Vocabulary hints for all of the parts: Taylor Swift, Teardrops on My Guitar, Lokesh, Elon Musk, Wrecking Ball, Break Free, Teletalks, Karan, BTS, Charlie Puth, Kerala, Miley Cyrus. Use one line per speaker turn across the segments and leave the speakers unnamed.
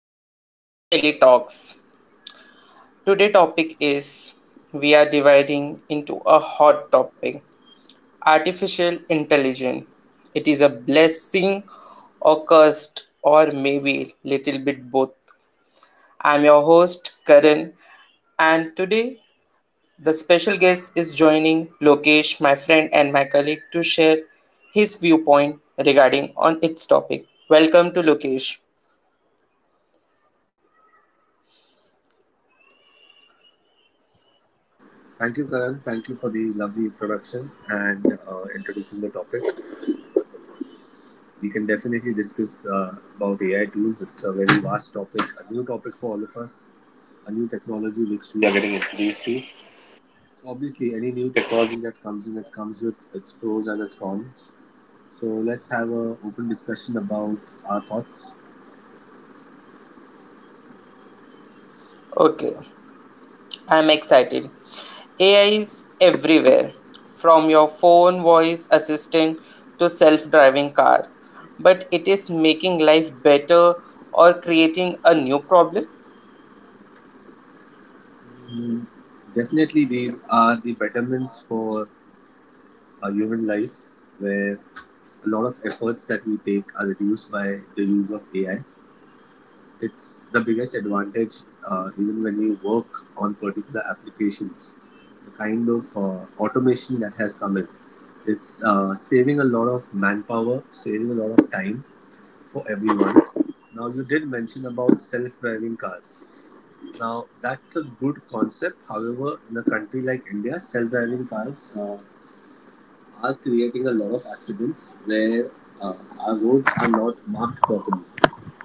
to Teletalks. Today topic is, we are dividing into a hot topic, artificial intelligence. It is a blessing or cursed, or maybe little bit both. I'm your host Karan, and today the special guest is joining Lokesh, my friend and my colleague, to share his viewpoint regarding on its topic. Welcome to Lokesh.
Thank you, Karan. Thank you for the lovely introduction and introducing the topic. We can definitely discuss about AI tools. It's a very vast topic, a new topic for all of us, a new technology which we are getting introduced to. So, obviously, any new technology that comes in, it comes with its pros and its cons. So let's have a open discussion about our thoughts.
Okay. I'm excited. AI is everywhere, from your phone voice assistant to self driving car. But it is making life better or creating a new problem?
Mm, Definitely, these are the betterments for a human life, where a lot of efforts that we take are reduced by the use of AI. It's the biggest advantage. Even when you work on particular applications, the kind of automation that has come in, it's saving a lot of manpower, saving a lot of time for everyone. Now, you did mention about self-driving cars. Now that's a good concept, however in a country like India, self-driving cars are creating a lot of accidents, where uh, our roads are not marked properly.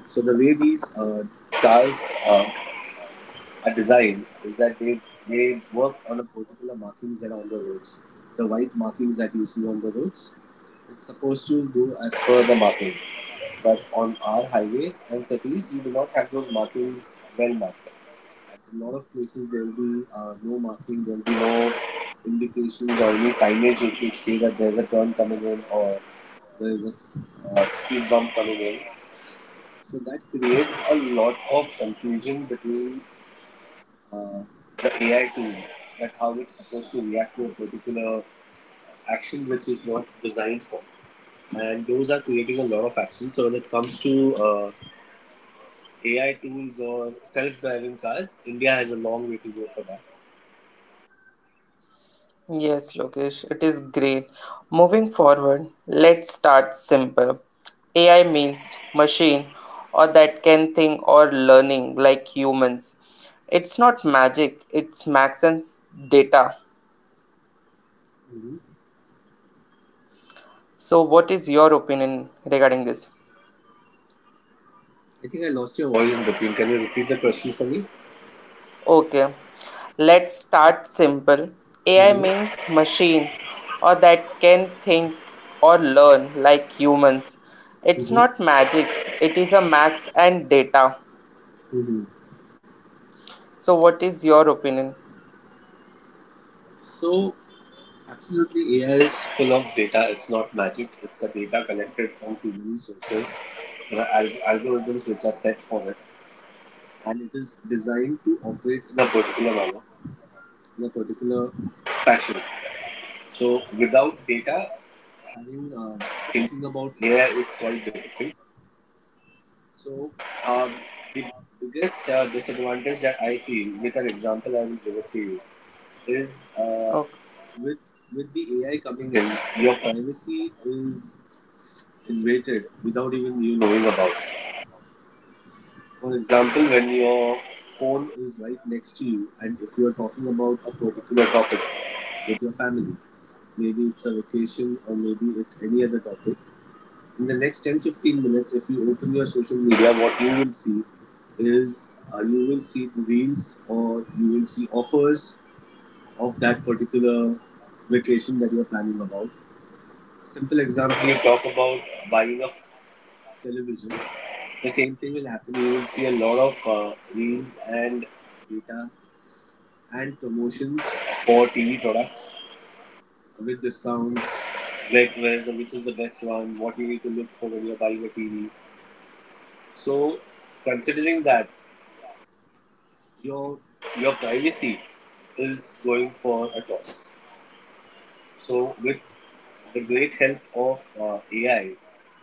So the way these cars uh, a design is that they work on a particular markings that are on the roads. The white markings that you see on the roads, it's supposed to do as per the marking. But on our highways and cities, you do not have those markings well marked. At a lot of places, there will be no marking. There will be no indications or any signage which would say that there's a turn coming in, or there is a speed bump coming in. So that creates a lot of confusion between uh, the AI tool, that how it's supposed to react to a particular action which is not designed for. And those are creating a lot of action. So when it comes to AI tools or self-driving cars, India has a long way to go for that.
Yes, Lokesh, it is great. Moving forward, let's start simple. AI means machine or that can think or learning like humans. It's not magic, it's max and data.
Hmm
So, what is your opinion regarding this?
I think I lost your voice in between. Can you repeat the question for me?
Okay, let's start simple. AI
Hmm
means machine or that can think or learn like humans. It's
hmm
not magic, it is a max and data.
hmm
So, what is your opinion?
So absolutely, AI is full of data. It's not magic. It's a data collected from too many sources. The algorithms which are set for it, and it is designed to operate in a particular manner, in a particular fashion. So without data, having thinking about AI is quite difficult. So, um, the biggest disadvantage that I feel, with an example I will give it to you, is
Okay.
with with the AI coming in, your privacy is invaded without even you knowing about it. For example, when your phone is right next to you, and if you are talking about a particular topic with your family. Maybe it's a vacation or maybe it's any other topic. In the next 10 to 15 minutes, if you open your social media, what you will see is you will see the reels, or you will see offers of that particular vacation that you're planning about. Simple example, you talk about buying a television, the same thing will happen. You will see a lot of reels and data and promotions for TV products with discounts, like where's the, which is the best one, what you need to look for when you're buying a TV. So, considering that, your your privacy is going for a toss. So, with the great help of AI,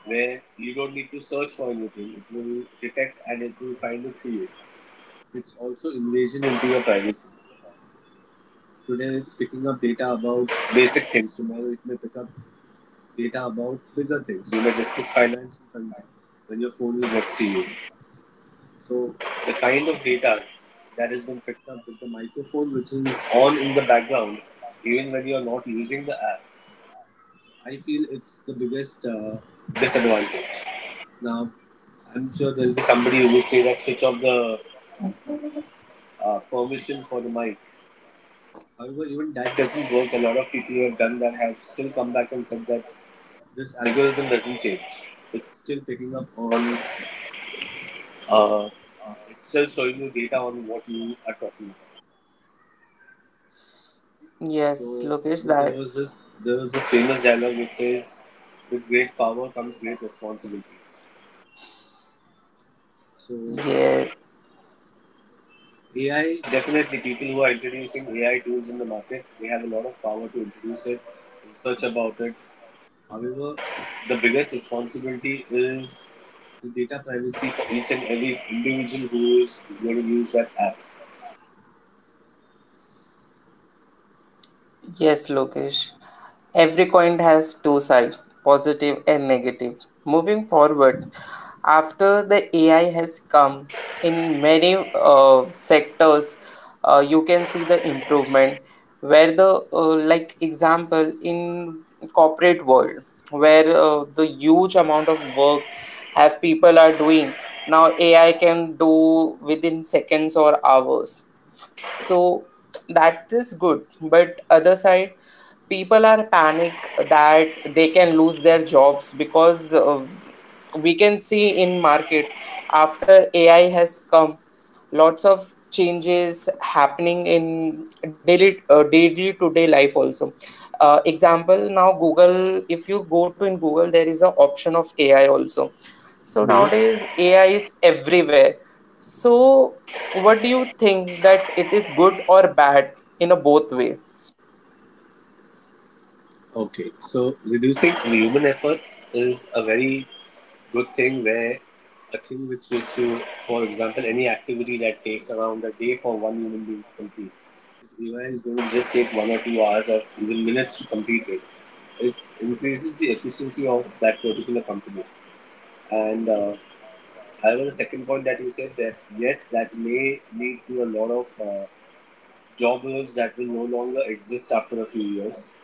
where you don't need to search for anything, it will detect and it will find it for you. It's also invasion into your privacy. Today, it's picking up data about basic things. Tomorrow, it may pick up data about bigger things. You may discuss finance in front of when your phone is next to you. So the kind of data that has been picked up with the microphone which is on in the background, even when you are not using the app, I feel it's the biggest disadvantage. Now, I'm sure there will be somebody who would say that switch off the permission for the mic. However, even that doesn't work. A lot of people who have done that have still come back and said that this algorithm doesn't change. It's still picking up on uh, it's still showing you data on what you are talking about.
Yes,
So
Lokesh,
there
that.
was this there was this famous dialogue which says, "With great power comes great responsibilities." So
Yeah.
AI, definitely people who are introducing AI tools in the market, they have a lot of power to introduce it, research about it. However, the biggest responsibility is the data privacy for each and every individual who is going to use that app.
Yes, Lokesh. Every coin has two sides, positive and negative. Moving forward, after the AI has come in many sectors, you can see the improvement. Where the like example in corporate world, where the huge amount of work have people are doing, now AI can do within seconds or hours. So that is good, but other side people are panic that they can lose their jobs, because we can see in market after ai has come, lots of changes happening in daily to day life also. Example, now google if you go to in google there is a option of ai also. So
Mm-hmm.
nowadays AI is everywhere. So what do you think, that it is good or bad in a both way?
Okay, so reducing human efforts is a very good thing, where a thing which used to, for example, any activity that takes around a day for one human being to complete, if AI is going to just take one or two hours or even minutes to complete it, it increases the efficiency of that particular company. And I was the second point that you said that yes, that may lead to a lot of job roles that will no longer exist after a few years.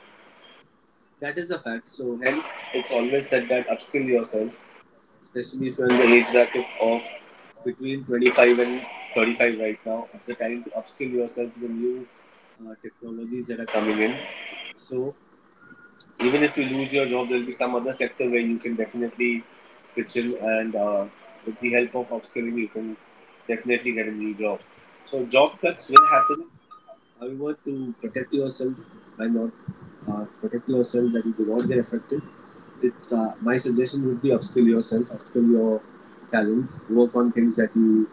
That is a fact. So hence, it's always said that upskill yourself, especially if you're in the age bracket of between 25 and 35 right now. It's the time to upskill yourself to the new technologies that are coming in. So even if you lose your job, there'll be some other sector where you can definitely pitch in, and with the help of upskilling, you can definitely get a new job. So job cuts will happen. However, to protect yourself by not protect yourself that you do not get affected, it's my suggestion would be upskill yourself, upskill your talents, work on things that you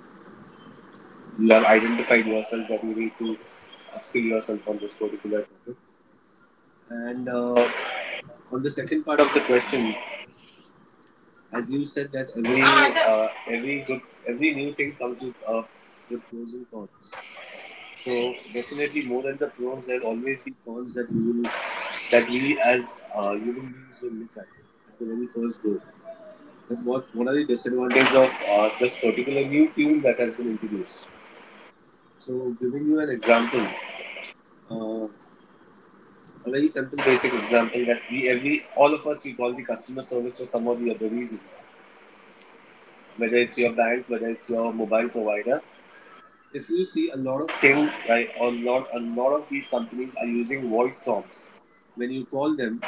you have identified yourself that you need to upskill yourself on this particular topic. And on the second part of the question, as you said that every good, every new thing comes with the pros and cons. So definitely more than the pros, there will always be cons that you will, that we as human beings will look at the very first go. And what are the disadvantages of this particular new tool that has been introduced? So, giving you an example, uh, a very simple basic example that we every all of us we call the customer service for some or the other reason, whether it's your bank, whether it's your mobile provider. If you see a lot of things, right, a lot of these companies are using voice prompts. When you call them,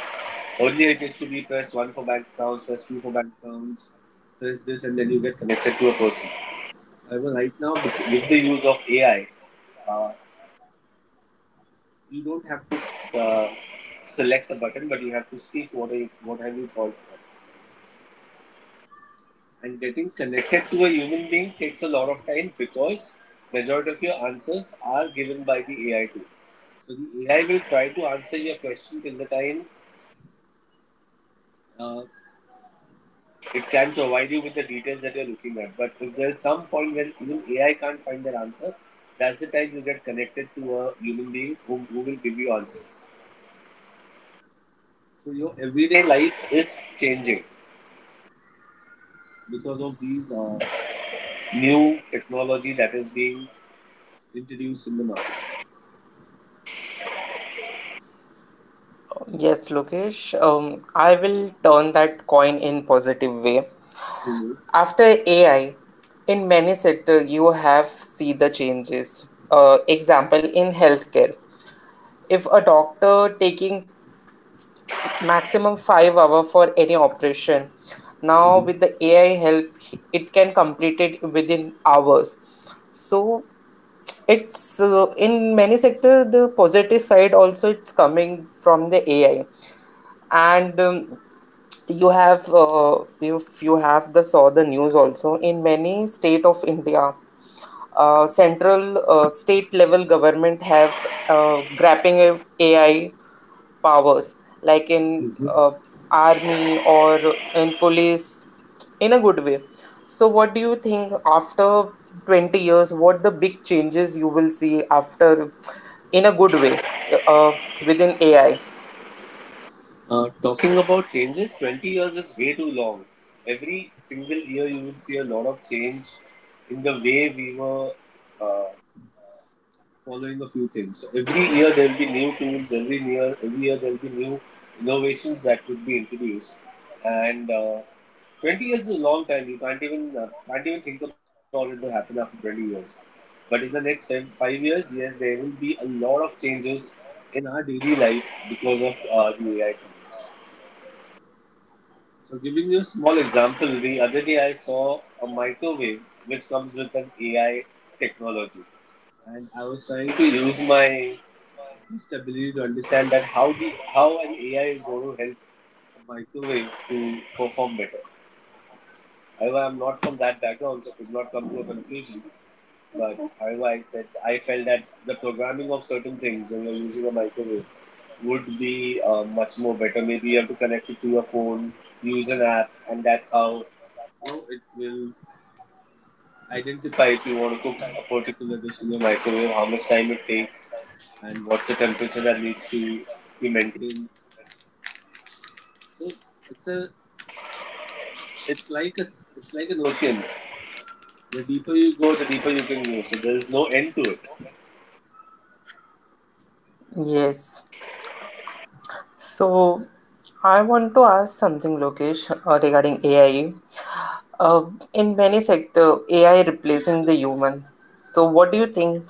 earlier it used to be press one for bank accounts, press two for bank accounts, press this, and then you get connected to a person. However, right now with the use of AI, uh, you don't have to select a button, but you have to speak what you, what have you called for. And getting connected to a human being takes a lot of time because majority of your answers are given by the AI tool. So the AI will try to answer your question till the time uh, it can provide you with the details that you're looking at. But if there's some point when even AI can't find that answer, that's the time you get connected to a human being who will give you answers. So your everyday life is changing because of these new technology that is being introduced in the market.
Yes, Lokesh, I will turn that coin in positive way.
Hmm
After AI, in many sector you have see the changes. Example in healthcare, if a doctor taking maximum 5 hour for any operation, now
hmm
with the ai help it can complete it within hours. So it's in many sectors the positive side also it's coming from the ai. And you have if you have the saw the news also in many state of india. Central state level government have grappling of ai powers, like in
hmm
army or in police, in a good way. So what do you think, after 20 years what the big changes you will see, after in a good way, uh, within ai?
Talking about changes, 20 years is way too long. Every single year, you will see a lot of change in the way we were uh, following a few things. So every year, there will be new tools. Every year there will be new innovations that would be introduced. And 20 years is a long time. You can't even think about it. What's going to happen after 20 years? But in the next five years, yes, there will be a lot of changes in our daily life because of the AI tools. So, giving you a small example, the other day I saw a microwave which comes with an AI technology, and I was trying to use my best ability to understand that how the how an AI is going to help a microwave to perform better. However, I'm not from that background, so could not come to a conclusion. But however, I said I felt that the programming of certain things when you're using a microwave would be much more better. Maybe you have to connect it to your phone, use an app, and that's how you know it will identify if you want to cook a particular dish in your microwave, how much time it takes, and what's the temperature that needs to be maintained. So it's a it's like it's like an ocean. The deeper you go, the deeper you can go. So there's no end to it.
Yes. So, I want to ask something, Lokesh, regarding AI. Uh, in many sector, AI replacing the human. So, what do you think?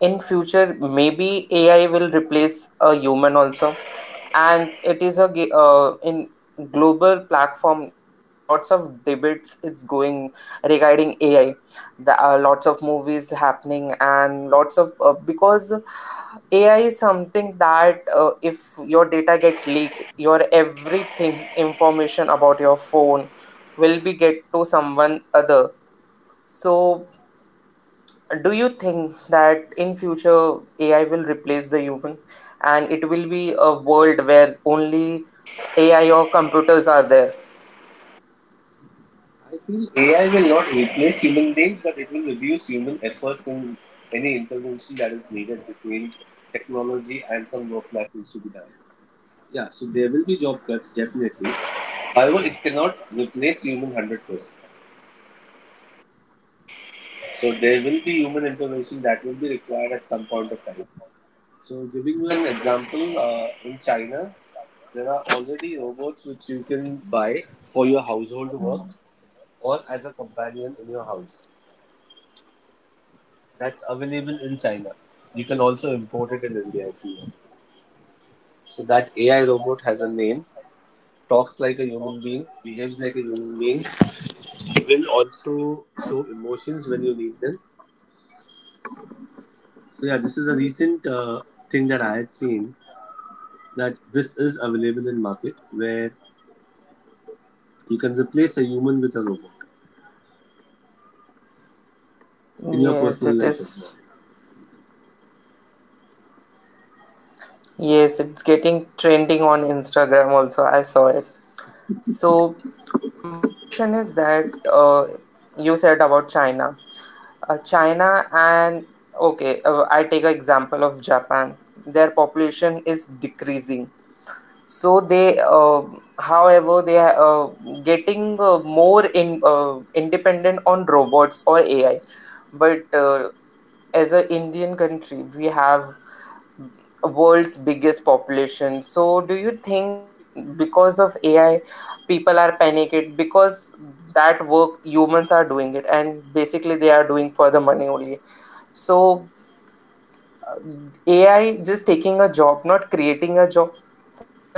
In future, maybe AI will replace a human also, and it is a in global platform. Lots of debates it's going regarding AI. There are lots of movies happening, and lots of because AI is something that if your data get leak, your everything information about your phone will be get to someone other. So, do you think that in future AI will replace the human, and it will be a world where only AI or computers are there?
I feel AI will not replace human beings, but it will reduce human efforts in any intervention that is needed between technology and some work that needs to be done. Yeah, so there will be job cuts, definitely. However, it cannot replace human 100%. So there will be human intervention that will be required at some point of time. So, giving you an example, in China, there are already robots which you can buy for your household work or as a companion in your house. That's available in China. You can also import it in India if you want. So that AI robot has a name, talks like a human being, behaves like a human being, will also show emotions when you need them. So yeah, this is a recent thing that I had seen, that this is available in market where you can replace a human with a robot in your
Yes,
personal
it
life as
is.
well.
Yes, it's getting trending on Instagram also. I saw it. So, my question is that you said about China. China and okay, I take an example of Japan. Their population is decreasing. So they, however, they are getting more in independent on robots or AI. But as an Indian country, we have world's biggest population. So do you think it, because of ai people are panicked, because that work humans are doing it, and basically they are doing for the money only. So uh, ai just taking a job, not creating a job for us.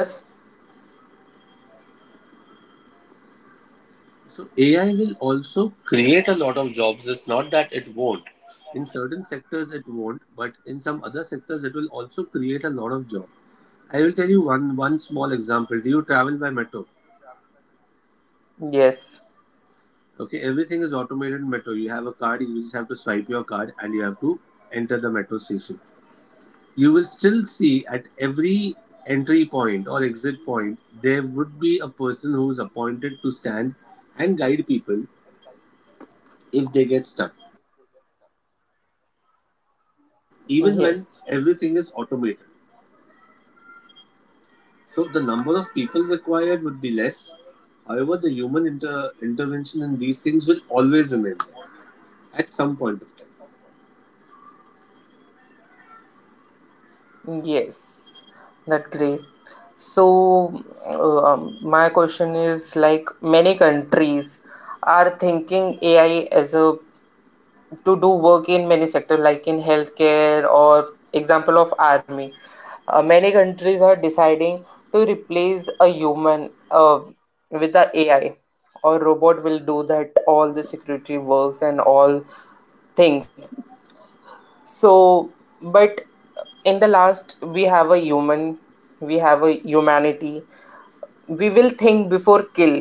So AI will also create a lot of jobs. It's not that it won't. In certain sectors it won't, but in some other sectors it will also create a lot of jobs. I will tell you one small example. Do you travel by metro?
Yes.
Okay, everything is automated in metro. You have a card, you just have to swipe your card and you have to enter the metro station. You will still see at every entry point or exit point there would be a person who is appointed to stand and guide people if they get stuck, even when
Yes,
everything is automated. So the number of people required would be less. However, the intervention in these things will always remain there at some point of time.
yes. That great. So my question is like, many countries are thinking ai as a to do work in many sectors, like in healthcare or example of army. Many countries are deciding to replace a human with the ai, or robot will do that all the security works and all things. So, but in the last we have a human, we have a humanity, we will think before kill.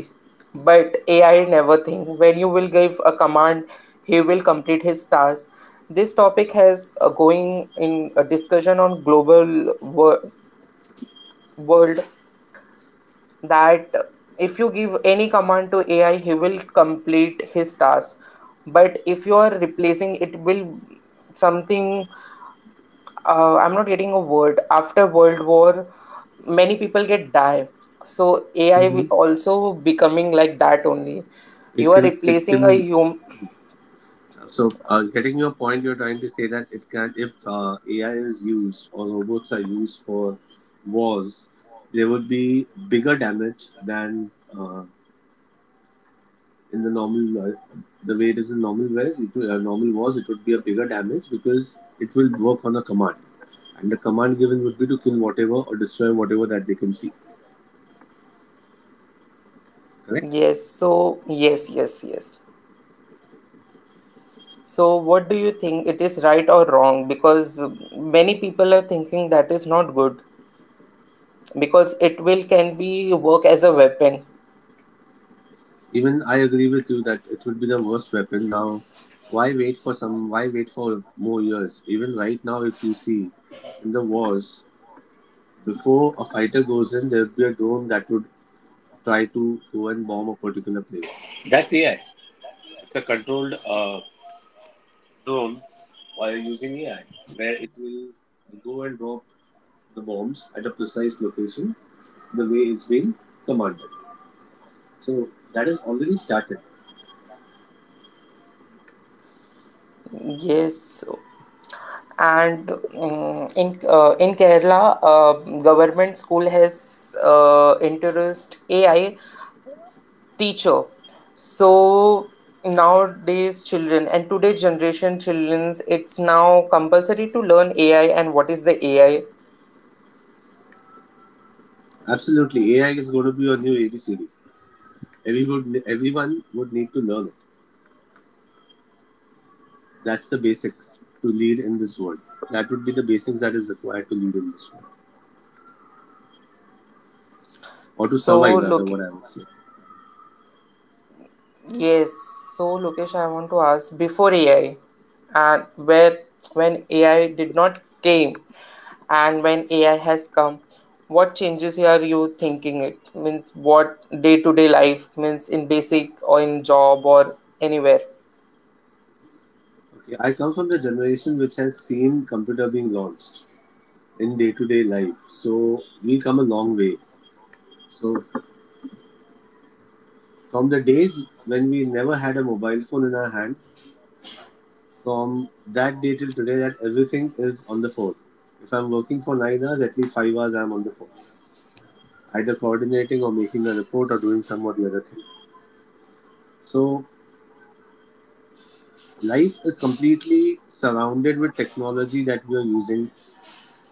But ai never think, when you will give a command he will complete his task. This topic has going in a discussion on global world, that if you give any command to ai he will complete his task. But if you are replacing it will something, I'm not getting a word. After World War, many people get die. So AI
Hmm.
will also becoming like that only.
It
You are
can, it
replacing a
can.
hum.
So, getting your point, you're trying to say that it can, if AI is used or robots are used for wars, there would be bigger damage than uh, in the normal the way it is in normal wars. Normal wars, it would be a bigger damage because it will work on a command. And the command given would be to kill whatever or destroy whatever that they can see. Correct?
Yes. So yes, yes, yes. So what do you think? It is right or wrong? Because many people are thinking that is not good, because it will can be work as a weapon.
Even I agree with you that it would be the worst weapon. Now, why wait for some? Why wait for more years? Even right now, if you see in the wars, before a fighter goes in, there would be a drone that would try to go and bomb a particular place. That's AI. It's a controlled drone while using AI, where it will go and drop the bombs at a precise location the way it's being commanded. So that has already started.
Yes. And in in Kerala, government school has introduced AI teacher. So nowadays, children and today's generation childrens, it's now compulsory to learn AI and what is the AI.
Absolutely, AI is going to be a new ABCD. Everyone would need to learn it. That's the basics to lead in this world. That would be the basics that is required to lead in this world, or to
So
survive, rather,
look.
what I would say.
Yes, so Lokesh, I want to ask before AI and where, when AI did not came and when AI has come, what changes are you thinking it? Means what day to day life means, in basic or in job or anywhere?
Okay, I come from the generation which has seen computer being launched in day-to-day life, so we come a long way. So from the days when we never had a mobile phone in our hand, from that day till today, that everything is on the phone. If I'm working for 9 hours, at least 5 hours I'm on the phone, either coordinating or making a report or doing some or the other thing. So life is completely surrounded with technology that we are using,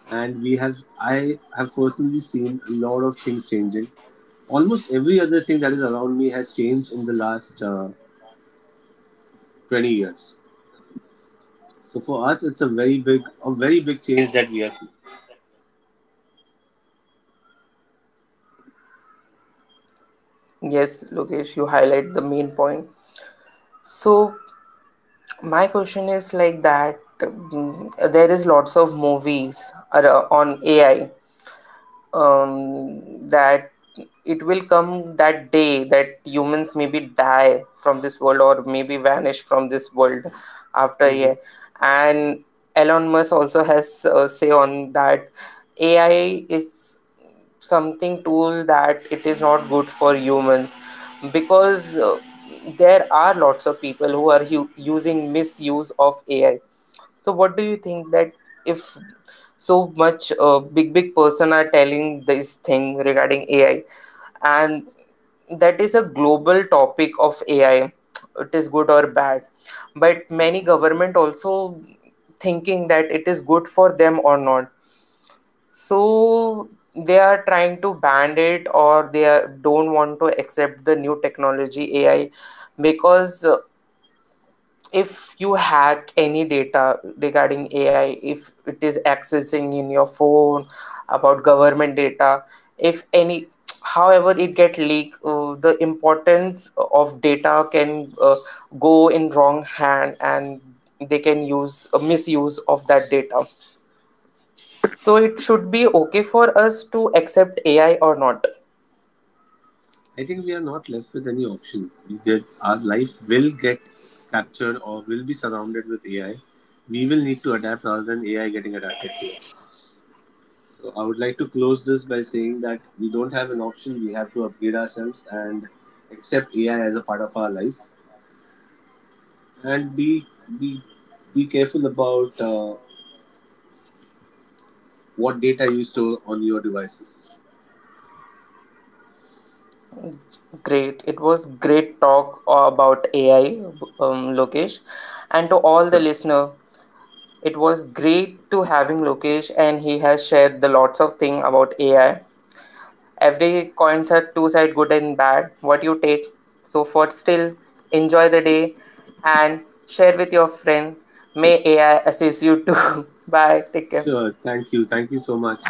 and we have I have personally seen a lot of things changing. Almost every other thing that is around me has changed in the last 20 years. So for us, it's a very big change that we are seeing.
Yes, Lokesh, you highlight the main point. So my question is like that there is lots of movies on AI, that it will come that day that humans maybe die from this world or maybe vanish from this world after a
Mm-hmm.
year. And Elon Musk also has say on that AI is something tool that it is not good for humans, because there are lots of people who are using misuse of ai. So what do you think, that if so much big big person are telling this thing regarding ai, and that is a global topic of ai, it is good or bad? But many government also thinking that it is good for them or not. So they are trying to ban it, or they are, don't want to accept the new technology AI, because if you hack any data regarding AI, if it is accessing in your phone about government data, if any, however it get leak, the importance of data can go in wrong hand, and they can use a misuse of that data. So it should be okay for us to accept AI or not.
I think we are not left with any option. Our life will get captured or will be surrounded with AI. We will need to adapt rather than AI getting adapted to us. So I would like to close this by saying that we don't have an option. We have to upgrade ourselves and accept AI as a part of our life, and be be careful about what data you store on your devices.
Great. It was great talk about AI, Lokesh, and to all the
Sure,
listener. It was great to having Lokesh, and he has shared the lots of thing about AI. Every coins are two side, good and bad. What you take. So for still, enjoy the day, and share with your friend. May AI assist you too. Bye. Take
sure.
care.
Thank you so much.